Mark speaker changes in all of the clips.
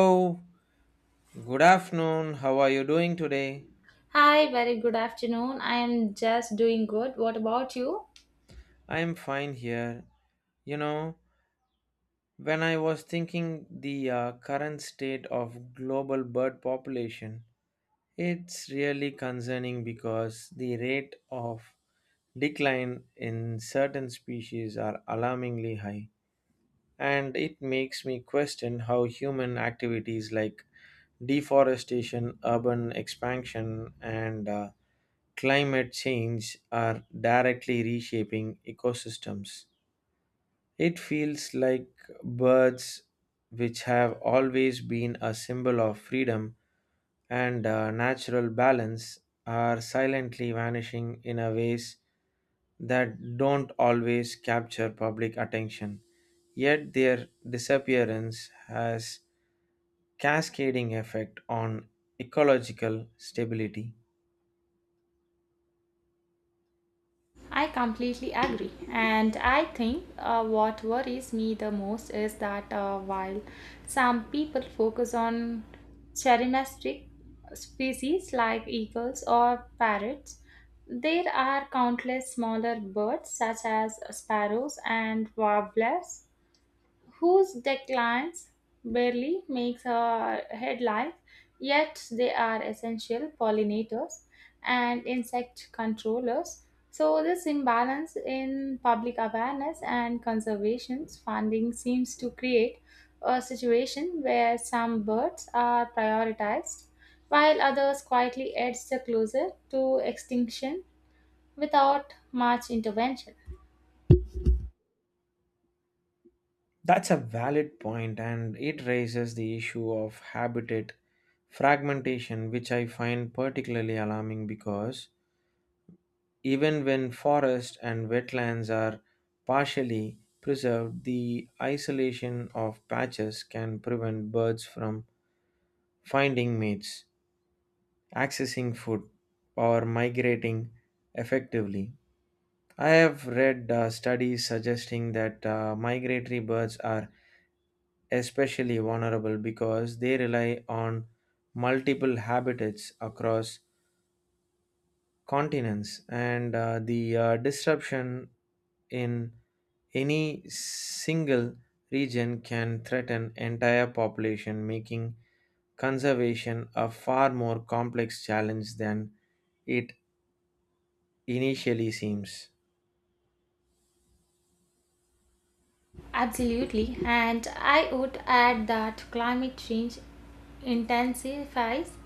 Speaker 1: Hello, good afternoon. How are you doing today?
Speaker 2: Hi, very good afternoon. I am just doing good. What about you?
Speaker 1: I'm fine here. You know, when I was thinking the current state of global bird population, it's really concerning because the rate of decline in certain species are alarmingly high. And it makes me question how human activities like deforestation, urban expansion, and climate change are directly reshaping ecosystems. It feels like birds, which have always been a symbol of freedom and natural balance, are silently vanishing in a ways that don't always capture public attention. Yet their disappearance has cascading effect on ecological stability.
Speaker 2: I completely agree. And I think what worries me the most is that while some people focus on charismatic species like eagles or parrots, there are countless smaller birds such as sparrows and warblers whose declines barely makes our headlines, yet they are essential pollinators and insect controllers. So this imbalance in public awareness and conservation funding seems to create a situation where some birds are prioritized while others quietly edge the closer to extinction without much intervention.
Speaker 1: That's a valid point and it raises the issue of habitat fragmentation which I find particularly alarming because even when forests and wetlands are partially preserved the isolation of patches can prevent birds from finding mates, accessing food, or migrating effectively. I have read studies suggesting that migratory birds are especially vulnerable because they rely on multiple habitats across continents, and the disruption in any single region can threaten entire population, making conservation a far more complex challenge than it initially seems.
Speaker 2: Absolutely, and I would add that climate change intensifies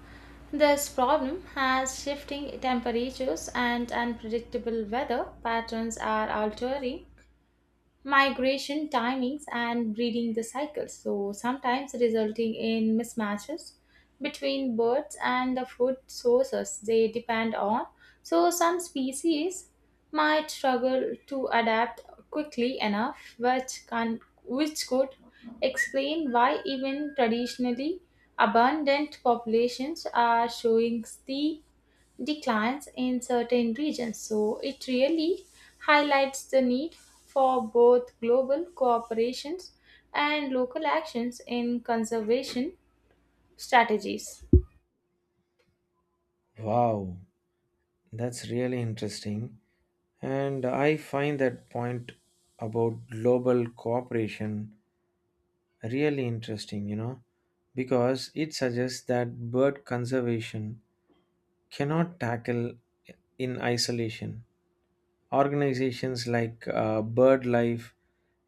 Speaker 2: this problem as shifting temperatures and unpredictable weather patterns are altering migration timings and breeding the cycles, so sometimes resulting in mismatches between birds and the food sources they depend on. So some species might struggle to adapt quickly enough, which could explain why even traditionally abundant populations are showing steep declines in certain regions. So it really highlights the need for both global cooperations and local actions in conservation strategies.
Speaker 1: Wow, that's really interesting. And I find that point about global cooperation really interesting, you know, because it suggests that bird conservation cannot tackle in isolation. Organizations like BirdLife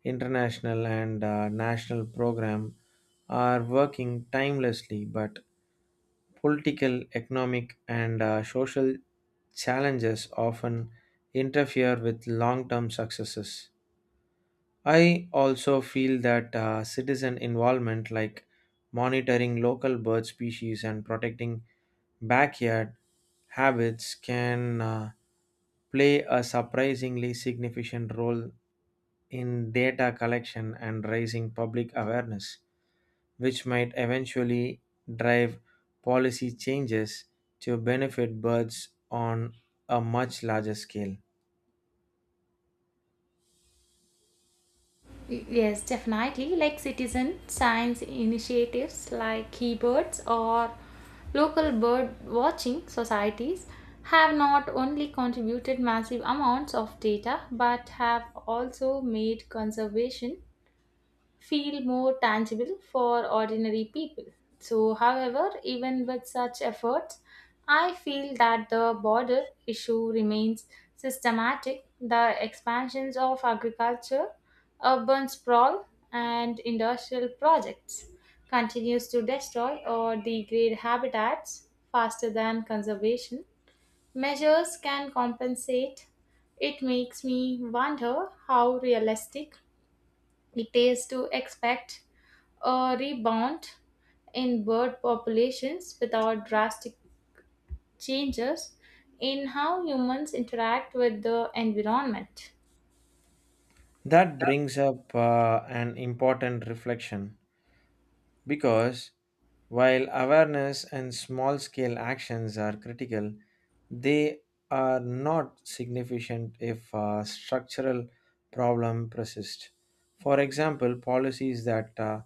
Speaker 1: International and National Program are working timelessly, but political, economic, and social challenges often interfere with long term successes. I also feel that citizen involvement, like monitoring local bird species and protecting backyard habits, can play a surprisingly significant role in data collection and raising public awareness, which might eventually drive policy changes to benefit birds on a much larger scale.
Speaker 2: Yes, definitely. Like citizen science initiatives like keybirds or local bird watching societies have not only contributed massive amounts of data but have also made conservation feel more tangible for ordinary people. So, however, even with such efforts, I feel that the border issue remains systematic. The expansions of agriculture, urban sprawl, and industrial projects continues to destroy or degrade habitats faster than conservation measures can compensate. It makes me wonder how realistic it is to expect a rebound in bird populations without drastic changes in how humans interact with the environment.
Speaker 1: That brings up an important reflection because while awareness and small scale actions are critical, they are not significant if a structural problem persists. For example, policies that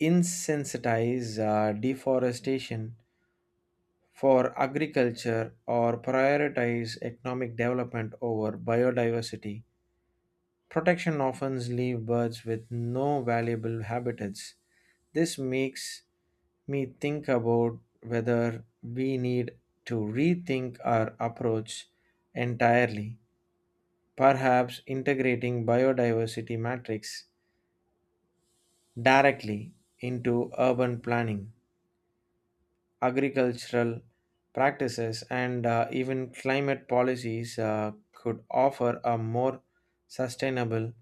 Speaker 1: insensitize deforestation for agriculture or prioritize economic development over biodiversity protection often leaves birds with no valuable habitats. This makes me think about whether we need to rethink our approach entirely, perhaps integrating biodiversity matrix directly into urban planning, agricultural practices, and even climate policies could offer a more sustainable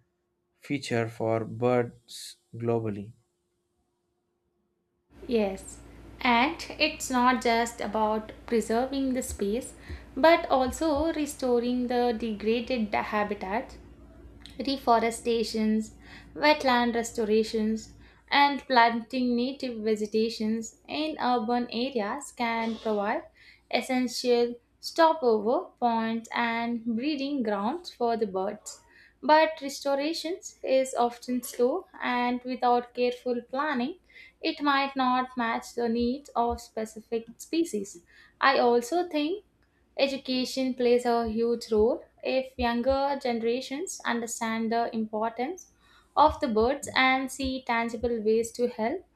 Speaker 1: feature for birds globally.
Speaker 2: Yes, and it's not just about preserving the space but also restoring the degraded habitat reforestations, wetland restorations, and planting native vegetations in urban areas can provide essential stopover points and breeding grounds for the birds. But restoration is often slow and without careful planning, it might not match the needs of specific species. I also think education plays a huge role. If younger generations understand the importance of the birds and see tangible ways to help,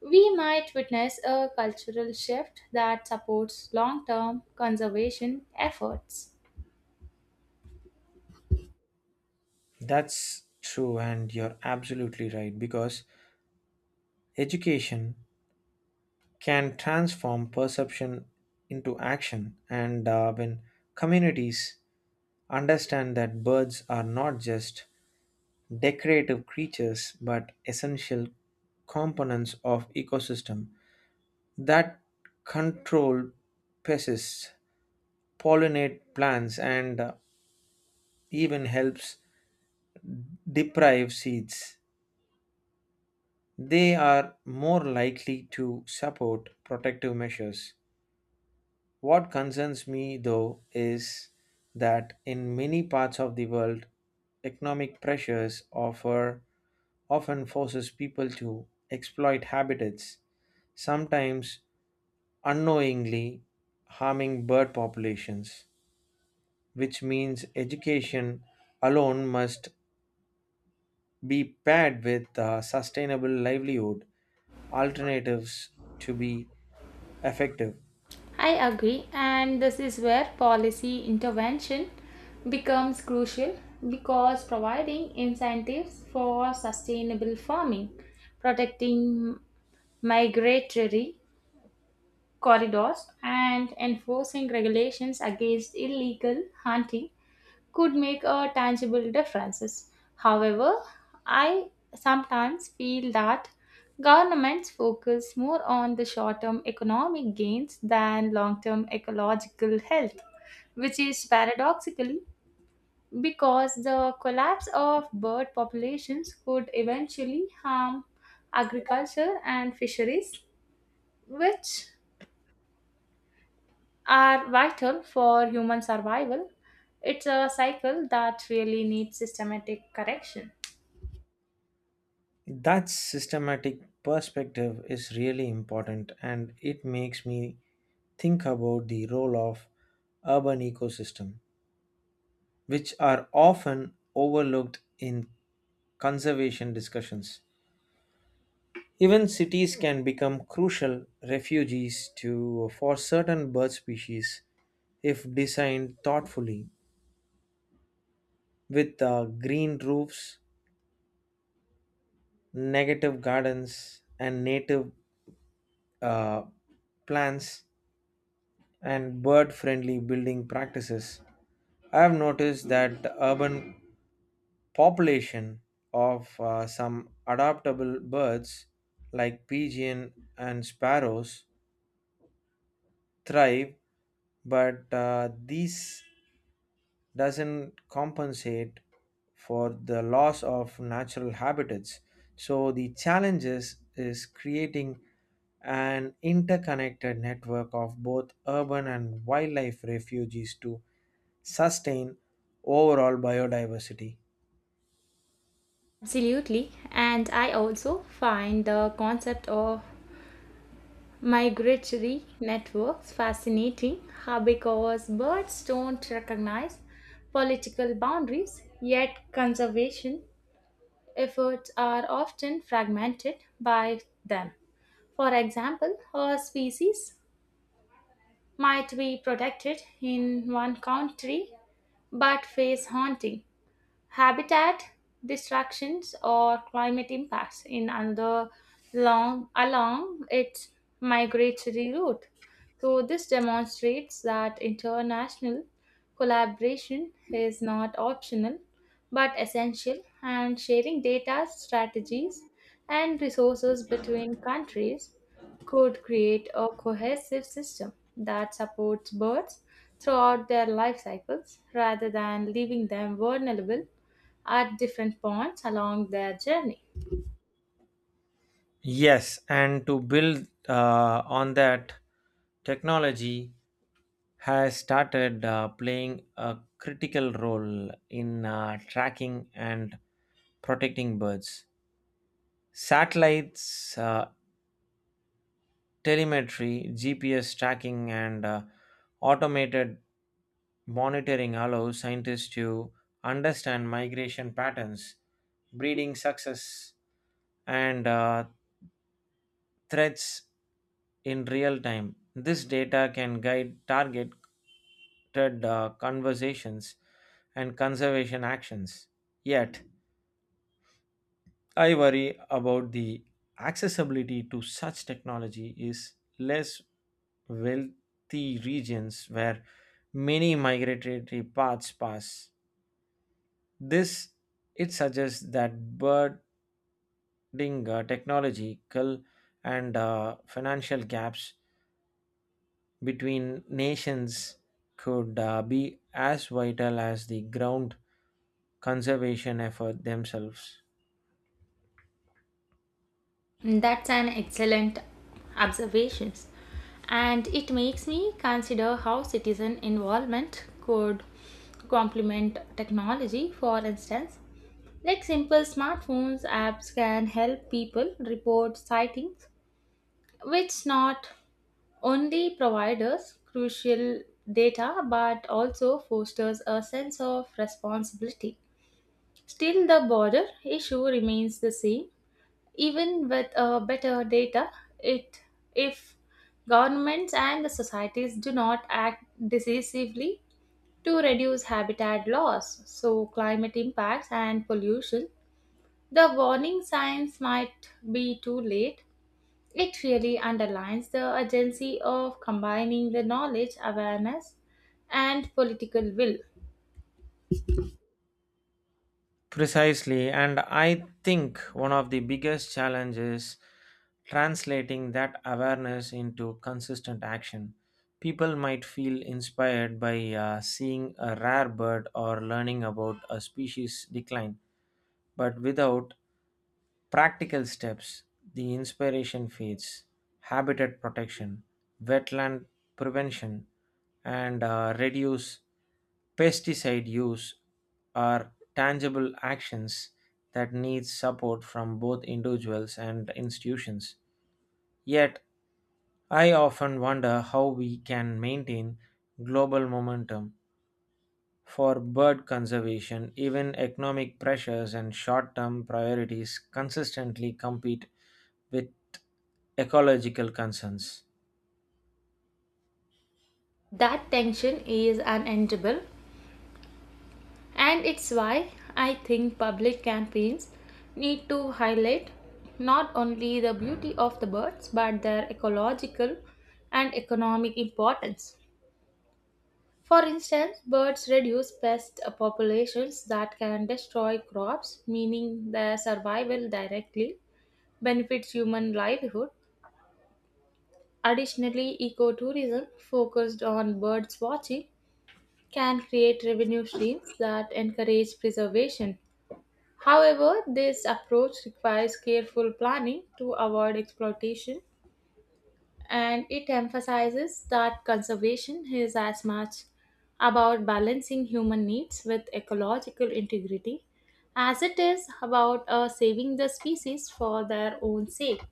Speaker 2: we might witness a cultural shift that supports long term conservation efforts.
Speaker 1: That's true, and you're absolutely right because education can transform perception into action. And when communities understand that birds are not just decorative creatures but essential components of ecosystem that control pests pollinate plants and even helps deprive seeds they are more likely to support protective measures. What concerns me, though, is that in many parts of the world, economic pressures offer often forces people to exploit habitats, sometimes unknowingly harming bird populations, which means education alone must be paired with a sustainable livelihood alternatives to be effective.
Speaker 2: I agree, and this is where policy intervention becomes crucial because providing incentives for sustainable farming, protecting migratory corridors and enforcing regulations against illegal hunting could make a tangible difference. However, I sometimes feel that governments focus more on the short-term economic gains than long-term ecological health, which is paradoxical because the collapse of bird populations could eventually harm agriculture and fisheries, which are vital for human survival. It's a cycle that really needs systematic correction.
Speaker 1: That systematic perspective is really important and it makes me think about the role of urban ecosystem which are often overlooked in conservation discussions. Even cities can become crucial refuges to for certain bird species if designed thoughtfully with green roofs, negative gardens and native uh, plants and bird friendly building practices. I have noticed that the urban population of some adaptable birds like pigeon and sparrows thrive, but this doesn't compensate for the loss of natural habitats. So the challenges is creating an interconnected network of both urban and wildlife refuges to sustain overall biodiversity.
Speaker 2: Absolutely, and I also find the concept of migratory networks fascinating how because birds don't recognize political boundaries, yet conservation efforts are often fragmented by them. For example, a species might be protected in one country but face haunting habitat destructions or climate impacts in another long along its migratory route. So this demonstrates that international collaboration is not optional but essential and sharing data strategies and resources between countries could create a cohesive system that supports birds throughout their life cycles rather than leaving them vulnerable at different points along their journey.
Speaker 1: Yes, and to build on that, technology has started playing a critical role in tracking and protecting birds. Satellites, telemetry, GPS tracking, and automated monitoring allow scientists to understand migration patterns, breeding success, and threats in real time. This data can guide targeted conversations and conservation actions. Yet, I worry about the accessibility to such technology is less wealthy regions where many migratory paths pass. This it suggests that birding technological and financial gaps between nations could be as vital as the ground conservation effort themselves.
Speaker 2: That's an excellent observation, and it makes me consider how citizen involvement could complement technology. For instance, like simple smartphones apps can help people report sightings, which not only provides us crucial data but also fosters a sense of responsibility. Still, the border issue remains the same even with better data it if governments and the societies do not act decisively to reduce habitat loss so climate impacts and pollution the warning signs might be too late it really underlines the urgency of combining the knowledge awareness and political will
Speaker 1: Precisely, and I think one of the biggest challenges translating that awareness into consistent action. People might feel inspired by seeing a rare bird or learning about a species decline, but without practical steps the inspiration feeds, habitat protection, wetland prevention, and reduce pesticide use are tangible actions that need support from both individuals and institutions. Yet, I often wonder how we can maintain global momentum for bird conservation, even economic pressures and short term priorities consistently compete with ecological concerns.
Speaker 2: that tension is unendurable. And it's why I think public campaigns need to highlight not only the beauty of the birds but their ecological and economic importance. For instance, birds reduce pest populations that can destroy crops, meaning their survival directly benefits human livelihood. Additionally, ecotourism focused on birds watching can create revenue streams that encourage preservation. However, this approach requires careful planning to avoid exploitation and it emphasizes that conservation is as much about balancing human needs with ecological integrity as it is about saving the species for their own sake.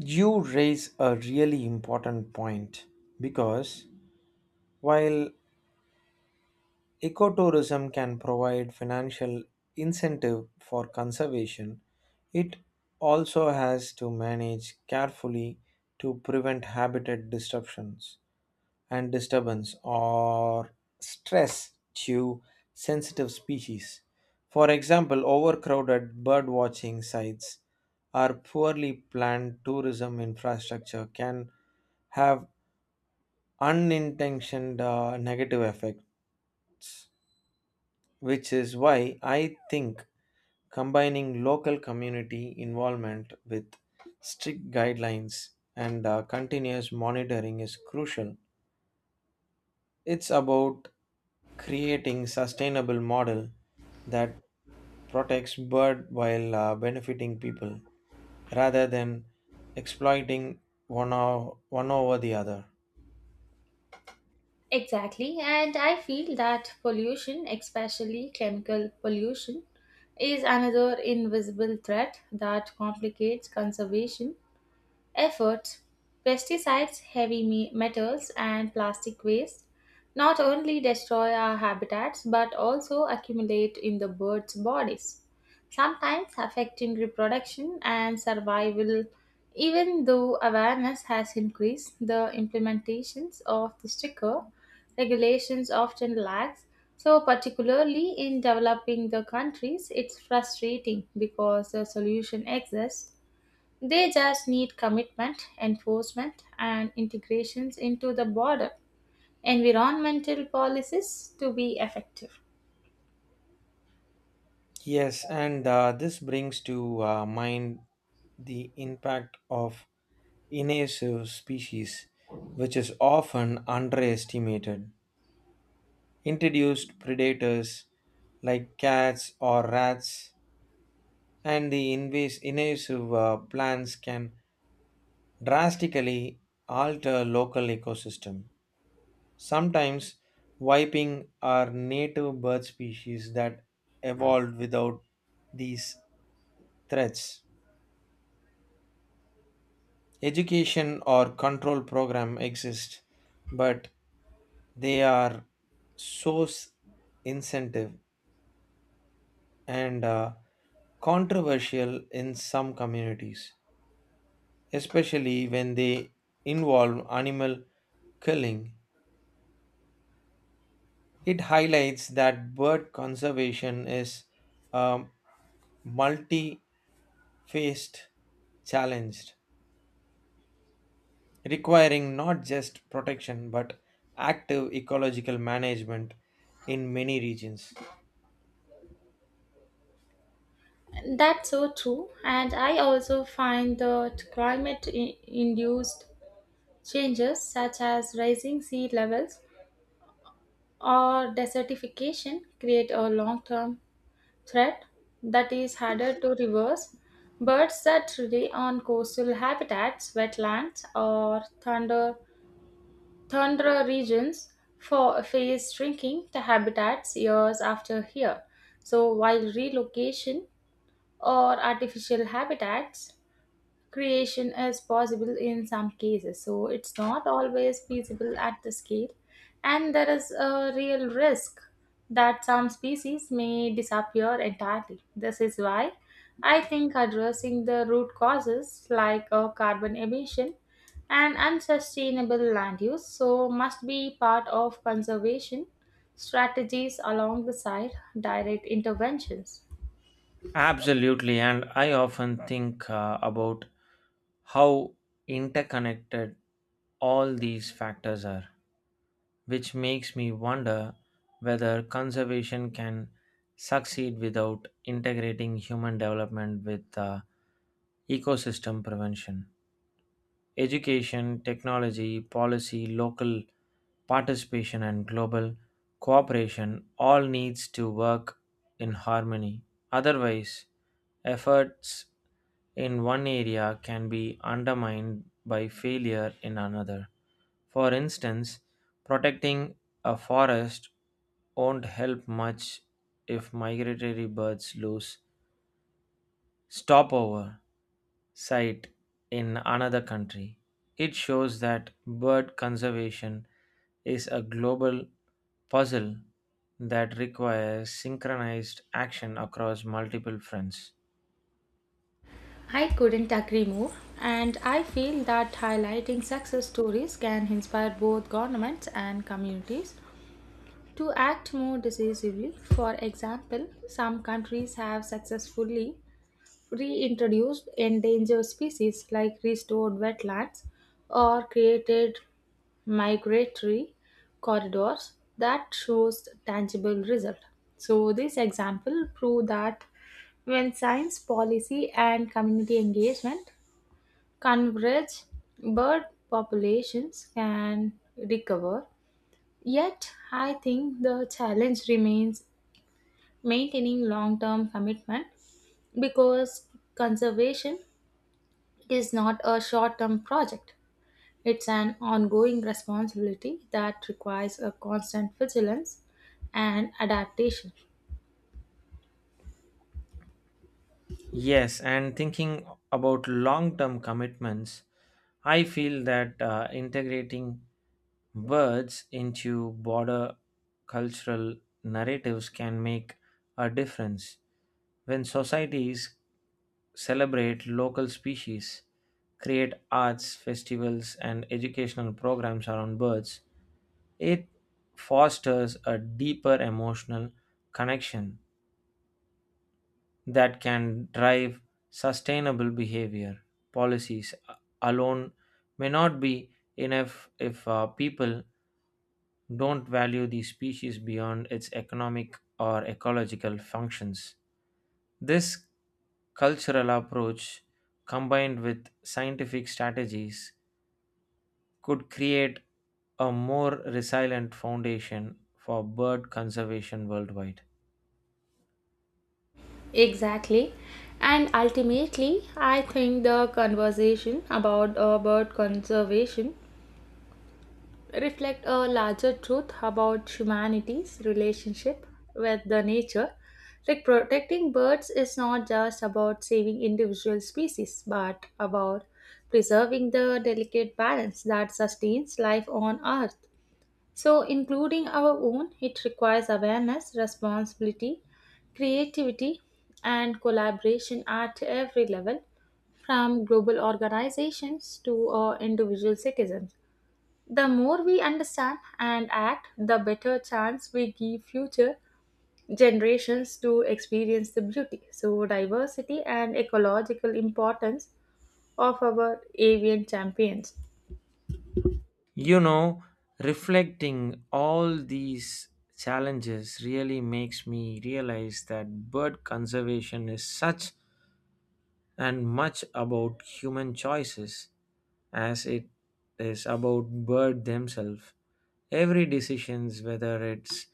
Speaker 1: You raise a really important point because while ecotourism can provide financial incentive for conservation, it also has to manage carefully to prevent habitat disruptions. And disturbance or stress to sensitive species. For example, overcrowded birdwatching sites or poorly planned tourism infrastructure can have unintentioned negative effect, which is why I think combining local community involvement with strict guidelines and continuous monitoring is crucial. It's about creating sustainable model that protects bird while benefiting people rather than exploiting one over the other.
Speaker 2: Exactly, and I feel that pollution, especially chemical pollution, is another invisible threat that complicates conservation efforts, pesticides, heavy metals, and plastic waste not only destroy our habitats but also accumulate in the birds' bodies, sometimes affecting reproduction and survival. Even though awareness has increased, the implementations of the stricter regulations often lacks. So, particularly in developing the countries, it's frustrating because the solution exists they just need commitment, enforcement, and integrations into the broader environmental policies to be effective.
Speaker 1: Yes, and this brings to mind the impact of invasive species, which is often underestimated. Introduced predators like cats or rats and the invasive plants can drastically alter local ecosystem sometimes wiping our native bird species that evolved without these threats education or control program exist but they are source incentive and controversial in some communities especially when they involve animal culling. It highlights that bird conservation is a multi faced challenge, requiring not just protection but active ecological management in many regions.
Speaker 2: That's so true, and I also find that climate induced changes such as rising sea levels or desertification create a long term threat that is harder to reverse. Birds that rely on coastal habitats, wetlands, or thunder Tundra regions for, face shrinking the habitats years after here. So, while relocation or artificial habitats creation is possible in some cases so it's not always feasible at the scale and there is a real risk that some species may disappear entirely this is why I think addressing the root causes like carbon emission and unsustainable land use so must be part of conservation strategies along the direct interventions.
Speaker 1: Absolutely, and I often think about how interconnected all these factors are. Which makes me wonder whether conservation can succeed without integrating human development with ecosystem prevention. Education, technology, policy, local participation and global cooperation all needs to work in harmony. Otherwise, efforts in one area can be undermined by failure in another. For instance, protecting a forest won't help much if migratory birds lose stopover site in another country. It shows that bird conservation is a global puzzle that requires synchronized action across multiple fronts.
Speaker 2: I couldn't agree more, and I feel that highlighting success stories can inspire both governments and communities to act more decisively. For example, some countries have successfully reintroduced endangered species like restored wetlands or created migratory corridors that shows tangible result so this example prove that when science policy and community engagement converge bird populations can recover, yet, I think the challenge remains maintaining long term commitment because conservation is not a short term project. It's an ongoing responsibility that requires a constant vigilance and adaptation.
Speaker 1: Yes, and thinking about long term commitments, I feel that integrating words into broader cultural narratives can make a difference. When societies celebrate local species, create arts, festivals, and educational programs around birds, it fosters a deeper emotional connection that can drive sustainable behavior. Policies alone may not be enough if people don't value the species beyond its economic or ecological functions. This cultural approach, combined with scientific strategies, could create a more resilient foundation for bird conservation worldwide.
Speaker 2: Exactly. And ultimately, I think the conversation about bird conservation reflect a larger truth about humanity's relationship with the nature. Like protecting birds is not just about saving individual species, but about preserving the delicate balance that sustains life on Earth. So, including our own, it requires awareness, responsibility, creativity, and collaboration at every level, from global organizations to individual citizens. The more we understand and act, the better chance we give future generations to experience the beauty, so diversity and ecological importance of our avian champions.
Speaker 1: You know, reflecting all these challenges really makes me realize that bird conservation is such and much about human choices as it is about bird themselves. Every decisions, whether it's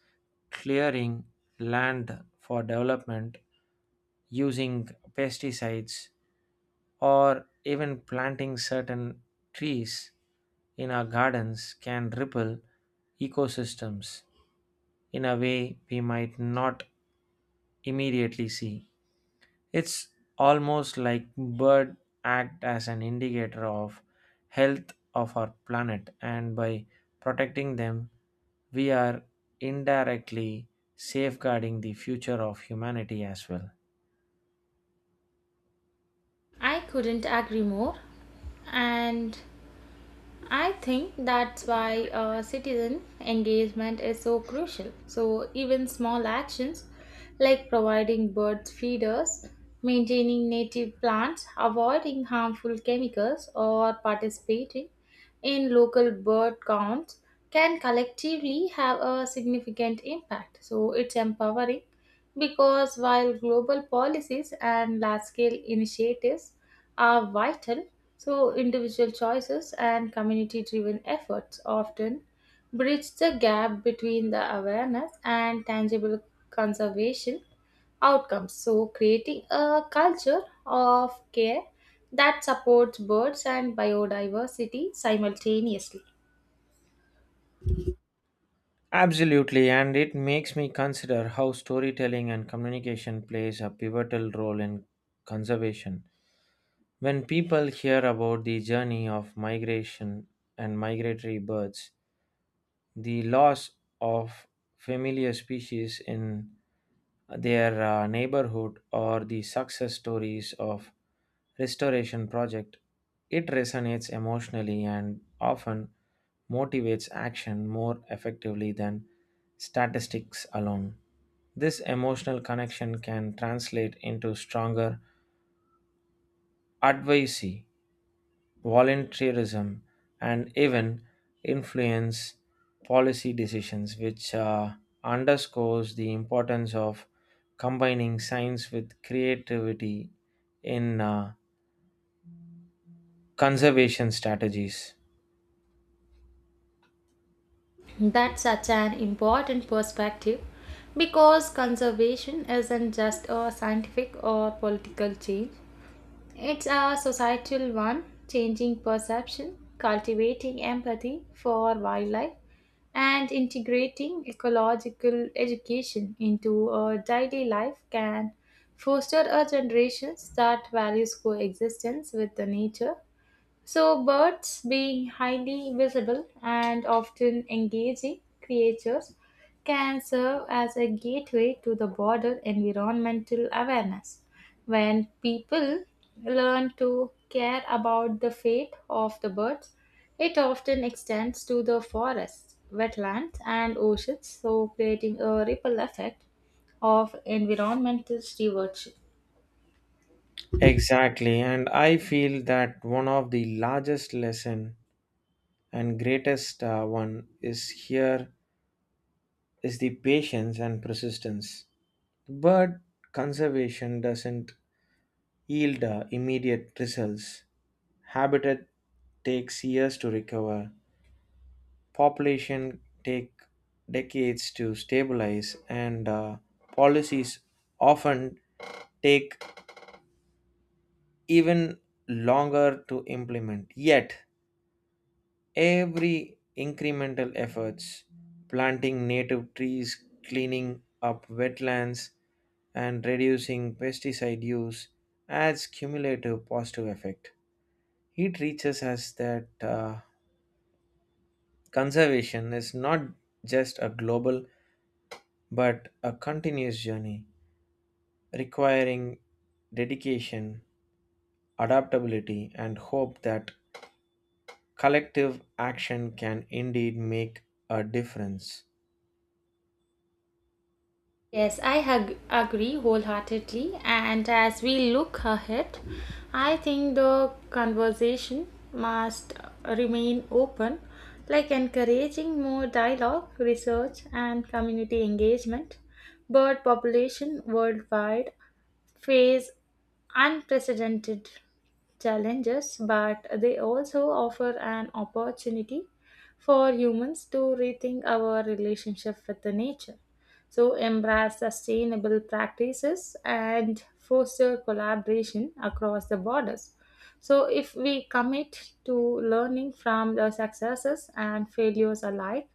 Speaker 1: clearing land for development, using pesticides, or even planting certain trees in our gardens, can ripple ecosystems in a way we might not immediately see. It's almost like bird act as an indicator of health of our planet and by protecting them we are indirectly safeguarding the future of humanity as well.
Speaker 2: I couldn't agree more. And I think that's why citizen engagement is so crucial. So, even small actions like providing bird feeders, maintaining native plants, avoiding harmful chemicals, or participating in local bird counts can collectively have a significant impact. So, it's empowering because while global policies and large scale initiatives are vital, so individual choices and community driven efforts often bridge the gap between the awareness and tangible conservation outcomes. So, creating a culture of care that supports birds and biodiversity simultaneously.
Speaker 1: Absolutely, and it makes me consider how storytelling and communication plays a pivotal role in conservation. When people hear about the journey of migration and migratory birds, the loss of familiar species in their neighborhood or the success stories of restoration project it resonates emotionally and often motivates action more effectively than statistics alone this emotional connection can translate into stronger advocacy volunteerism, and even influence policy decisions, which underscores the importance of combining science with creativity in conservation strategies.
Speaker 2: That's such an important perspective because conservation isn't just a scientific or political change, it's a societal one, changing perception, cultivating empathy for wildlife, and integrating ecological education into our daily life can foster a generation that values coexistence with the nature so, birds, being highly visible and often engaging creatures, can serve as a gateway to the broader environmental awareness. When people learn to care about the fate of the birds, it often extends to the forests, wetlands, and oceans, so creating a ripple effect of environmental stewardship.
Speaker 1: Exactly, and I feel that one of the largest lesson and greatest one is here is the patience and persistence. But conservation doesn't yield immediate results. Habitat takes years to recover. Population take decades to stabilize, and policies often take even longer to implement. Yet, every incremental efforts, planting native trees, cleaning up wetlands, and reducing pesticide use adds cumulative positive effect. It teaches us that conservation is not just a global but a continuous journey, requiring dedication, adaptability, and hope that collective action can indeed make a difference.
Speaker 2: Yes, I agree wholeheartedly. And as we look ahead, I think the conversation must remain open, like encouraging more dialogue, research, and community engagement. Bird population worldwide face unprecedented challenges, but they also offer an opportunity for humans to rethink our relationship with the nature. So, embrace sustainable practices and foster collaboration across the borders. So, if we commit to learning from the successes and failures alike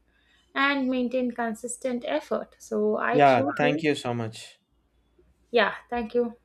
Speaker 2: and maintain consistent effort, so I
Speaker 1: Yeah, thank
Speaker 2: truly,
Speaker 1: you so much.
Speaker 2: yeah, thank you.